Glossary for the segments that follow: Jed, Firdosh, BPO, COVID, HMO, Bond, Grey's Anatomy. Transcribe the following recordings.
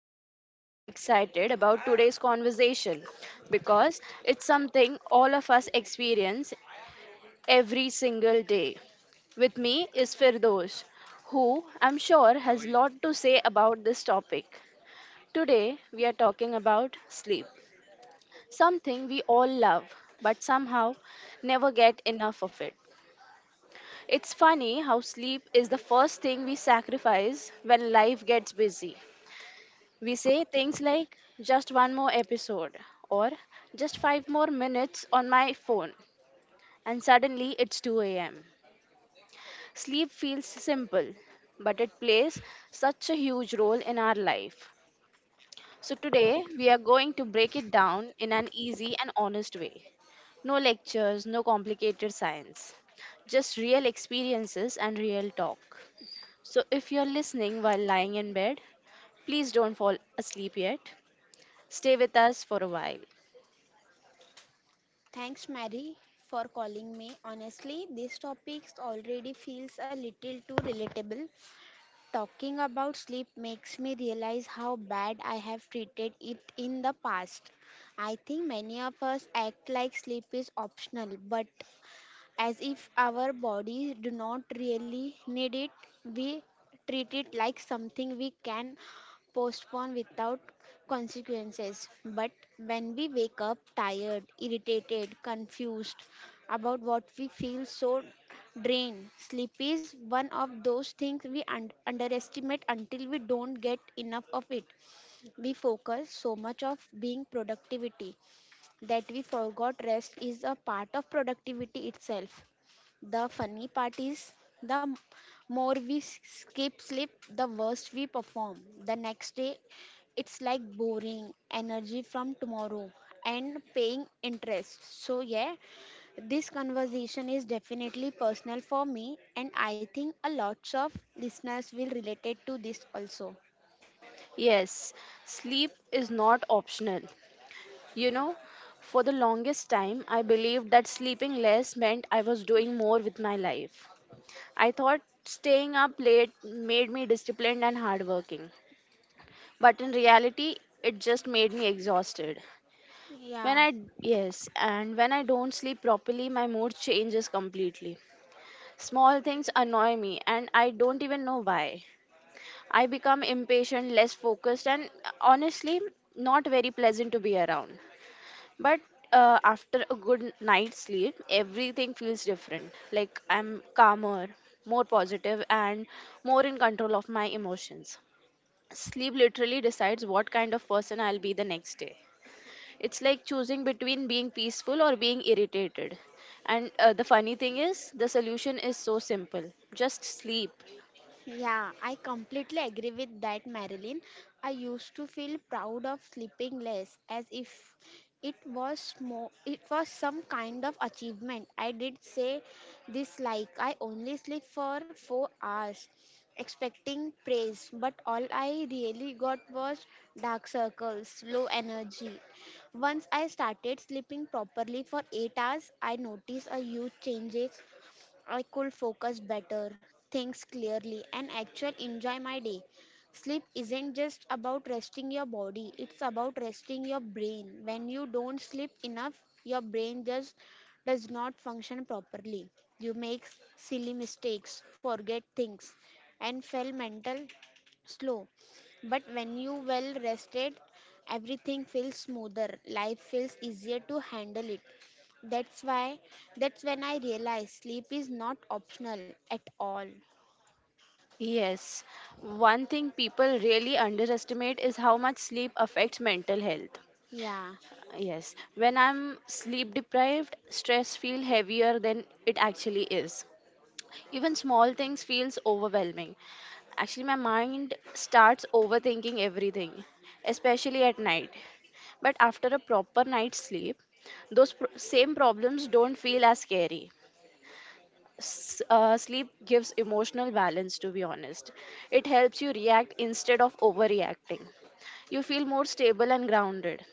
and I'm really excited about today's conversation because it's something all of us experience every single day. With me is Firdosh, who I'm sure has a lot to say about this topic. Today, we are talking about sleep, something we all love but somehow never get enough of it. It's funny how sleep is the first thing we sacrifice when life gets busy. We say things like, just one more episode, or just five more minutes on my phone, and suddenly it's 2 am. Sleep feels simple, but it plays such a huge role in our life. So, today we are going to break it down in an easy and honest way. No lectures, no complicated science, just real experiences and real talk. So, if you're listening while lying in bed, please don't fall asleep yet. Stay with us for a while. Thanks, Mary, for calling me. Honestly, this topic already feels a little too relatable. Talking about sleep makes me realize how bad I have treated it in the past. I think many of us act like sleep is optional, but as if our bodies do not really need it. We treat it like something we can postpone without consequences. But when we wake up tired, irritated, confused about what we feel so drained, sleep is one of those things we underestimate until we don't get enough of it. We focus so much of being productivity that we forgot rest is a part of productivity itself. The funny part is, the m- more we skip sleep, the worse we perform. The next day, it's like boring energy from tomorrow and paying interest. So, yeah, this conversation is definitely personal for me, and I think a lots of listeners will relate to this also. Yes, sleep is not optional. You know, for the longest time, I believed that sleeping less meant I was doing more with my life. I thought staying up late made me disciplined and hardworking. But in reality, it just made me exhausted. When Yeah. I, when I don't sleep properly, my mood changes completely. Small things annoy me, and I don't even know why. I become impatient, less focused, and honestly, not very pleasant to be around. But after a good night's sleep, everything feels different. Like I'm calmer, more positive, and more in control of my emotions. Sleep literally decides what kind of person I'll be the next day. It's like choosing between being peaceful or being irritated. And the funny thing is, the solution is so simple just sleep. Yeah, I completely agree with that, Marilyn. I used to feel proud of sleeping less, as if it was some kind of achievement. I did say this like I only sleep for 4 hours, expecting praise, but all I really got was dark circles, low energy. Once I started sleeping properly for 8 hours, I noticed a huge changes I could focus better, think clearly, and actually enjoy my day. Sleep isn't just about resting your body, it's about resting your brain. When you don't sleep enough, your brain just does not function properly. You make silly mistakes, forget things, and fail mental slow. But when you well rested, everything feels smoother. Life feels easier to handle it. That's why that's when I realized sleep is not optional at all. Yes, one thing people really underestimate is how much sleep affects mental health. Yeah. Yes, when I'm sleep deprived, stress feels heavier than it actually is. Even small things feels overwhelming. Actually, my mind starts overthinking everything, especially at night. But after a proper night's sleep, same problems don't feel as scary. Sleep gives emotional balance, to be honest. It helps you react instead of overreacting. You feel more stable and grounded.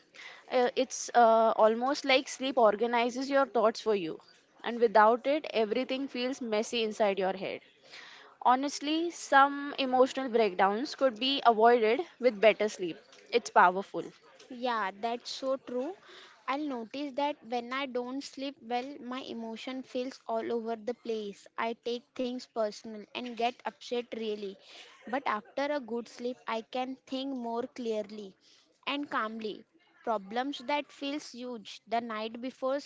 It's almost like sleep organizes your thoughts for you, and without it, everything feels messy inside your head. Honestly, some emotional breakdowns could be avoided with better sleep. It's powerful. Yeah, that's so true. I'll notice that when I don't sleep well, my emotion feels all over the place. I take things personal and get upset really. But after a good sleep, I can think more clearly and calmly. Problems that feels huge the night before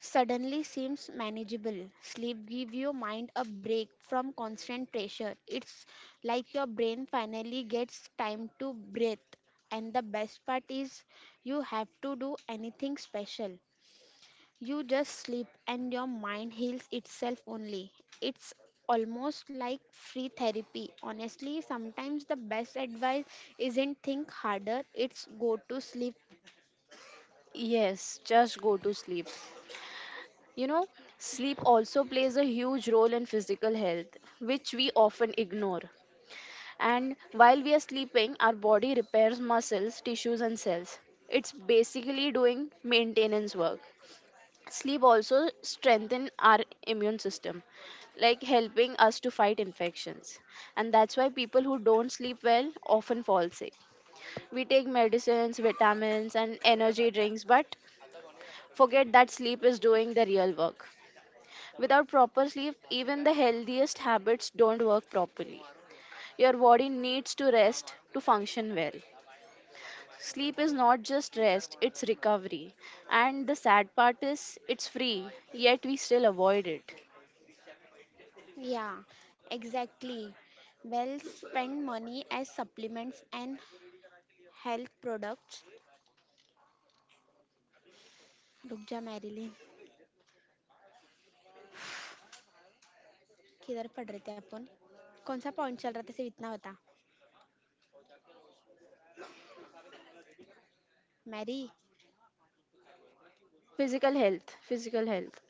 suddenly seems manageable. Sleep gives your mind a break from constant pressure. It's like your brain finally gets time to breathe. And the best part is, you have to do anything special. You just sleep and your mind heals itself only. It's almost like free therapy. Honestly, sometimes the best advice isn't think harder, it's go to sleep. Yes, just go to sleep. You know, sleep also plays a huge role in physical health, which we often ignore. And while we are sleeping, our body repairs muscles, tissues, and cells. It's basically doing maintenance work. Sleep also strengthens our immune system, like helping us to fight infections. And that's why people who don't sleep well often fall sick. We take medicines, vitamins, and energy drinks, but forget that sleep is doing the real work. Without proper sleep, even the healthiest habits don't work properly. Your body needs to rest to function well. Sleep is not just rest, it's recovery. And the sad part is, it's free, yet we still avoid it. Yeah, exactly. Well spent money as supplements and health products. रुक जा Marilyn किधर पढ़ रहे थे अपन कौन सा point चल रहा था सिर्फ इतना बता मैरी. Physical health, physical health.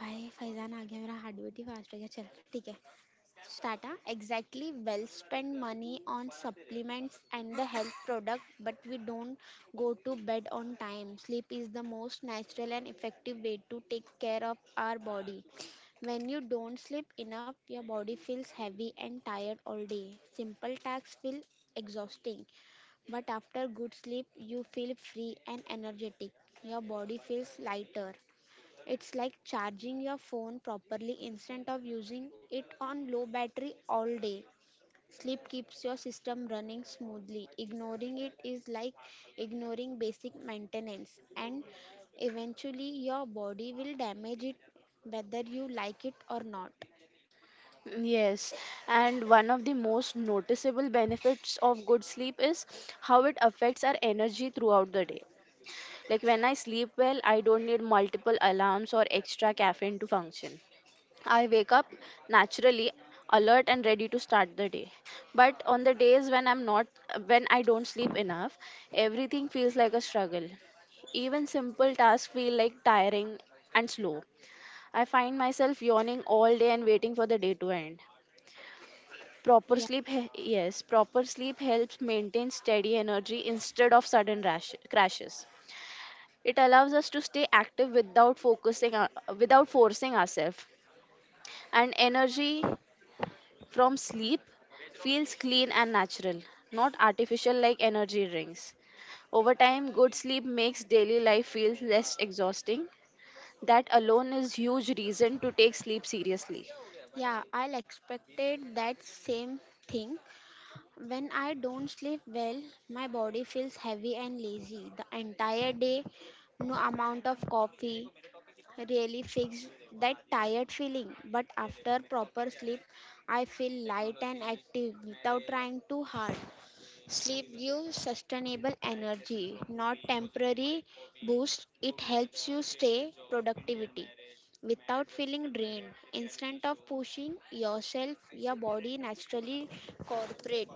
भाई फैजान आ गया मेरा हार्ट बीट ही फास्ट हो गया चल ठीक है. Stata, exactly. Well, spend money on supplements and the health product, but we don't go to bed on time. Sleep is the most natural and effective way to take care of our body. When you don't sleep enough, your body feels heavy and tired all day. Simple tasks feel exhausting, but after good sleep, you feel free and energetic. Your body feels lighter. It's like charging your phone properly instead of using it on low battery all day. Sleep keeps your system running smoothly. Ignoring it is like ignoring basic maintenance, and eventually, your body will damage it whether you like it or not. Yes, and one of the most noticeable benefits of good sleep is how it affects our energy throughout the day. Like when I sleep well, I don't need multiple alarms or extra caffeine to function. I wake up naturally alert and ready to start the day. But on the days when I'm not when I don't sleep enough, everything feels like a struggle. Even simple tasks feel like tiring and slow. I find myself yawning all day and waiting for the day to end. Proper Yeah, sleep he- yes, Proper sleep helps maintain steady energy instead of sudden crashes. It allows us to stay active without focusing without forcing ourselves and energy from sleep feels clean and natural, not artificial like energy drinks. Over time, good sleep makes daily life feel less exhausting. That alone is huge reason to take sleep seriously. yeah, I'll expected that same thing. When I don't sleep well, my body feels heavy and lazy the entire day. No amount of coffee, really fix that tired feeling. But after proper sleep, I feel light and active without trying too hard. Sleep gives sustainable energy, not temporary boost. It helps you stay productivity without feeling drained. Instead of pushing yourself, your body naturally cooperate.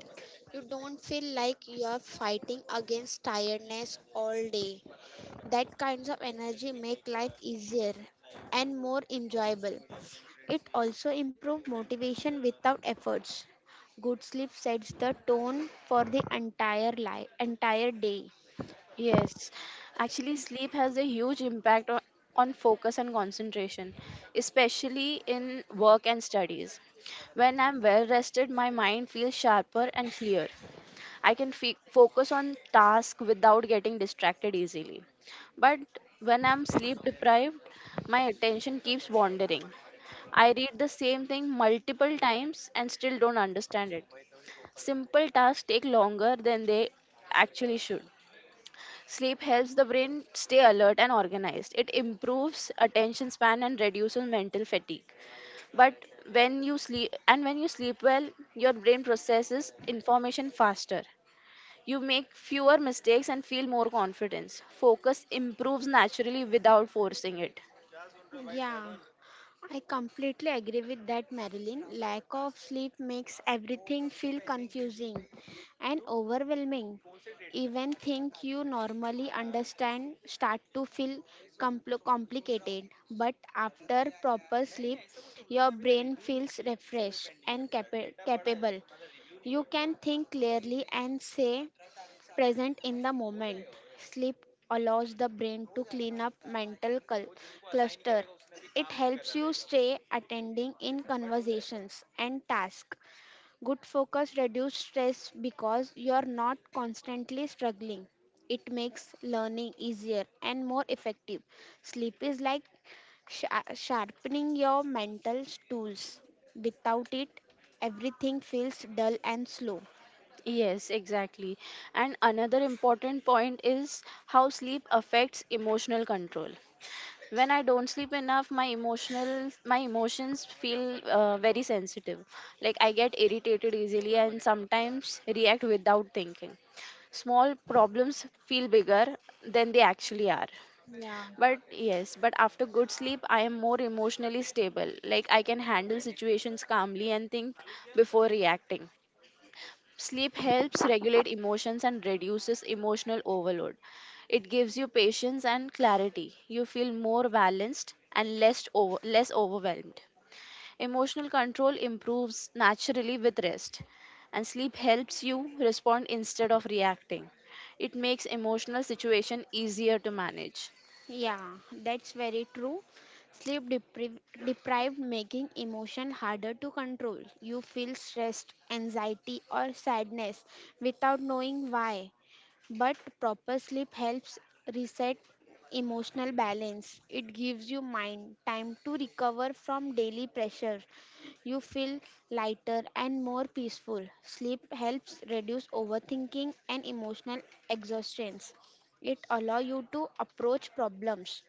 You don't feel like you are fighting against tiredness all day. That kinds of energy make life easier and more enjoyable. It also improves motivation without efforts. Good sleep sets the tone for the entire life, entire day. Yes, actually, sleep has a huge impact on focus and concentration, especially in work and studies. When I'm well rested, my mind feels sharper and clear. I can focus on task without getting distracted easily. But when I'm sleep deprived, my attention keeps wandering. I read the same thing multiple times and still don't understand it. Simple tasks take longer than they actually should. Sleep helps the brain stay alert and organized. It improves attention span and reduces mental fatigue. But when you sleep well, your brain processes information faster. You make fewer mistakes and feel more confidence. Focus improves naturally without forcing it. Yeah. I completely agree with that, Marilyn. Lack of sleep makes everything feel confusing and overwhelming. Even things you normally understand start to feel complicated. But after proper sleep, your brain feels refreshed and capable. You can think clearly and say present in the moment. Sleep allows the brain to clean up mental cluster. It helps you stay attending in conversations and tasks. Good focus reduces stress because you are not constantly struggling. It makes learning easier and more effective. Sleep is like sharpening your mental tools. Without it, everything feels dull and slow. Yes, exactly. And another important point is how sleep affects emotional control. When I don't sleep enough, my emotions feel very sensitive. Like I get irritated easily and sometimes react without thinking. Small problems feel bigger than they actually are. Yeah. But after good sleep, I am more emotionally stable. Like I can handle situations calmly and think before reacting. Sleep helps regulate emotions and reduces emotional overload. It gives you patience and clarity. You feel more balanced and less overwhelmed. Emotional control improves naturally with rest, and sleep helps you respond instead of reacting. It makes emotional situation easier to manage. Yeah, that's very true. Sleep depri- Deprived making emotion harder to control. You feel stressed, anxiety or sadness without knowing why. But proper sleep helps reset emotional balance. It gives you mind time to recover from daily pressure. You feel lighter and more peaceful. Sleep helps reduce overthinking and emotional exhaustion. It allows you to approach problems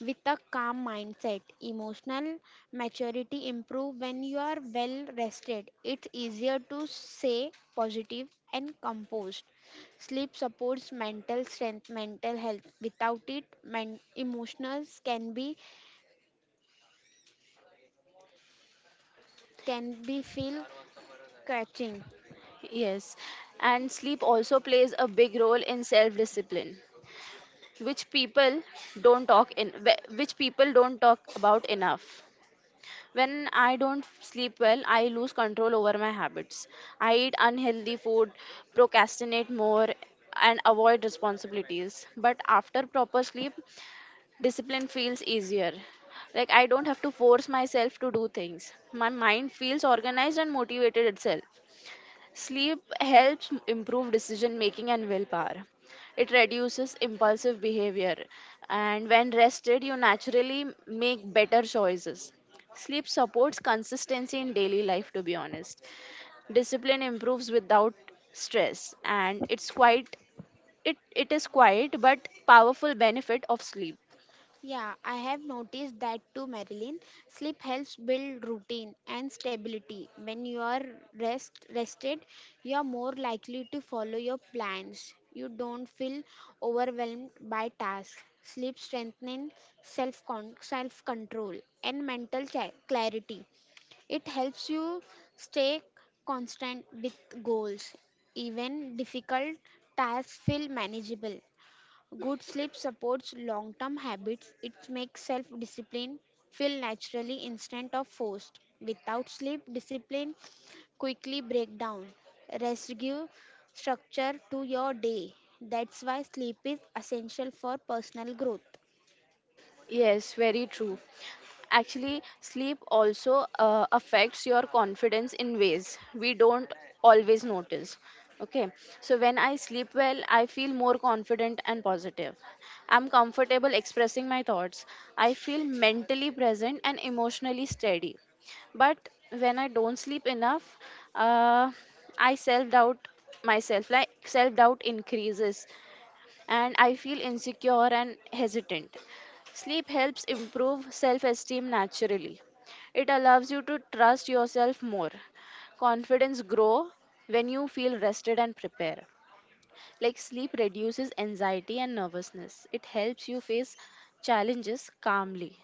with a calm mindset. Emotional maturity improve when you are well rested. It's easier to say positive and composed. Sleep supports mental strength, mental health. Without it, emotions can be feel catching. Yes, and sleep also plays a big role in self-discipline, which people which people don't talk about enough. When I don't sleep well, I lose control over my habits. I eat unhealthy food, procrastinate more, and avoid responsibilities. But after proper sleep, discipline feels easier. Like I don't have to force myself to do things. My mind feels organized and motivated itself. Sleep helps improve decision making and willpower. It reduces impulsive behavior, and when rested, you naturally make better choices. Sleep supports consistency in daily life, to be honest. Discipline improves without stress, and it is quite but powerful benefit of sleep. Yeah, I have noticed that too, Marilyn. Sleep helps build routine and stability. When you are rested, you are more likely to follow your plans. You don't feel overwhelmed by tasks. Sleep strengthens self self control and mental clarity. It helps you stay constant with goals. Even difficult tasks feel manageable. Good sleep supports long term habits. It makes self discipline feel naturally instead of forced. Without sleep, discipline quickly breaks down. Rest gives structure to your day. That's why sleep is essential for personal growth. Yes, very true. Actually, sleep also affects your confidence in ways we don't always notice. Okay, so when I sleep well, I feel more confident and positive. I'm comfortable expressing my thoughts. I feel mentally present and emotionally steady. But when I don't sleep enough, uh, I self doubt myself like self doubt increases and I feel insecure and hesitant. Sleep helps improve self esteem naturally. It allows you to trust yourself more. Confidence grow when you feel rested and prepared. Like sleep reduces anxiety and nervousness. It helps you face challenges calmly.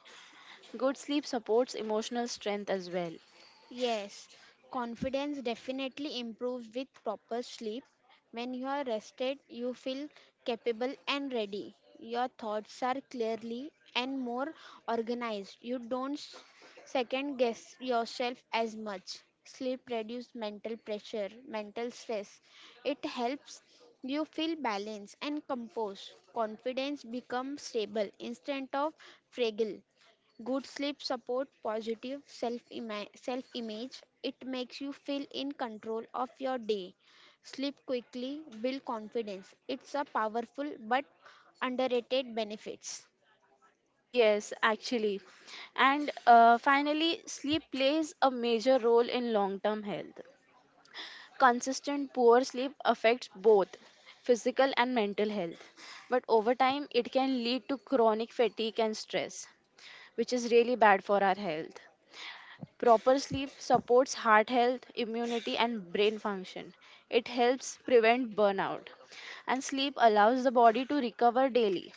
Good sleep supports emotional strength as well. Yes, confidence definitely improves with proper sleep. When you are rested, you feel capable and ready. Your thoughts are clearly and more organized. You don't s- Second guess yourself as much. Sleep reduces mental pressure, mental stress. It helps you feel balanced and composed. Confidence becomes stable instead of fragile. Good sleep support positive self-image. It makes you feel in control of your day. Sleep quickly, build confidence. It's a powerful but underrated benefits. Yes, actually. And finally, sleep plays a major role in long term health. Consistent poor sleep affects both physical and mental health, but over time it can lead to chronic fatigue and stress, which is really bad for our health. Proper sleep supports heart health, immunity, and brain function. It helps prevent burnout, and sleep allows the body to recover daily.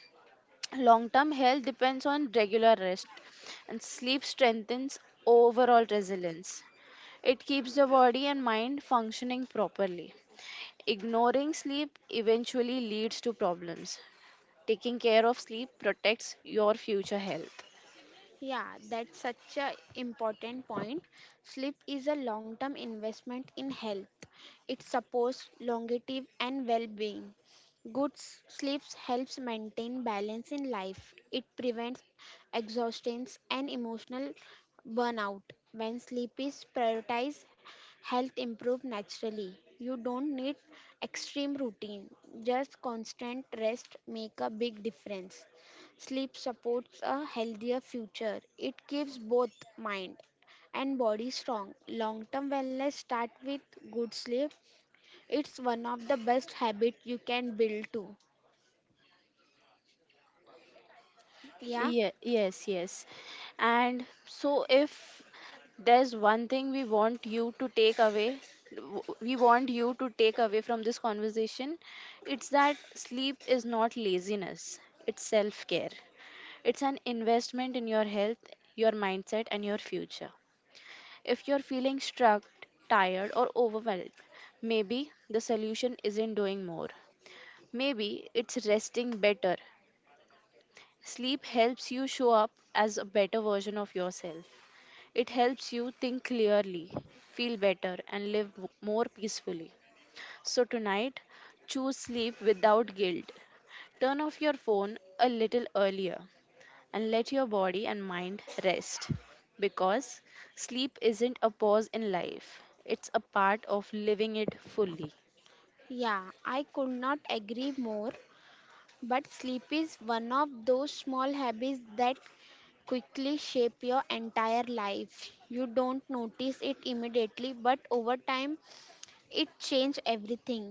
Long term health depends on regular rest, and sleep strengthens overall resilience. It keeps the body and mind functioning properly. Ignoring sleep eventually leads to problems. Taking care of sleep protects your future health. Yeah, that's such a important point. Sleep is a long-term investment in health. It supports longevity and well-being. Sleep helps maintain balance in life. It prevents exhaustion and emotional burnout. When sleep is prioritized, health improves naturally. You don't need extreme routine. Just constant rest make a big difference. Sleep supports a healthier future. It keeps both mind and body strong. Long term wellness start with good sleep. It's one of the best habits you can build too. Yeah, Yeah, yes, yes. And so, if there's one thing we want you to take away, w- we want you to take away from this conversation, it's that sleep is not laziness, it's self care. It's an investment in your health, your mindset, and your future. If you're feeling stuck, tired, or overwhelmed, maybe the solution isn't doing more. Maybe it's resting better. Sleep helps you show up as a better version of yourself. It helps you think clearly, feel better, and more peacefully. So, tonight, choose sleep without guilt. Turn off your phone a little earlier and let your body and mind rest. Because sleep isn't a pause in life, it's a part of living it fully. yeah, I could not agree more. But sleep is one of those small habits that quickly shape your entire life. You don't notice it immediately, but over time, it changes everything.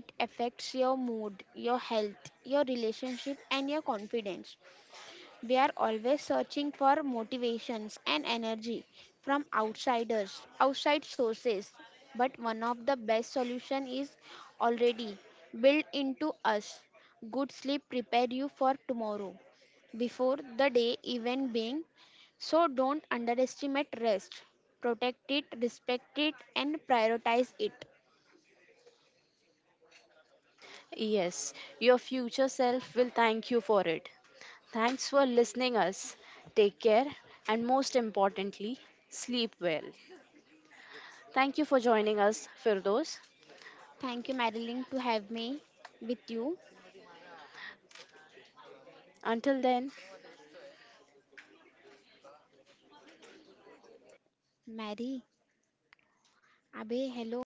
It affects your mood, your health, your relationship, and your confidence. We are always searching for motivations and energy from outsiders, outside sources. But one of the best solution is already built into us. Good sleep prepare you for tomorrow before the day even being, so don't underestimate rest, protect it, respect it, and prioritize it. Yes, your future self will thank you for it. Thanks for listening us. Take care and most importantly, sleep well. Thank you for joining us, Firdos. Thank you, Marilyn, to have me with you. Until then, Mary, Abe, hello.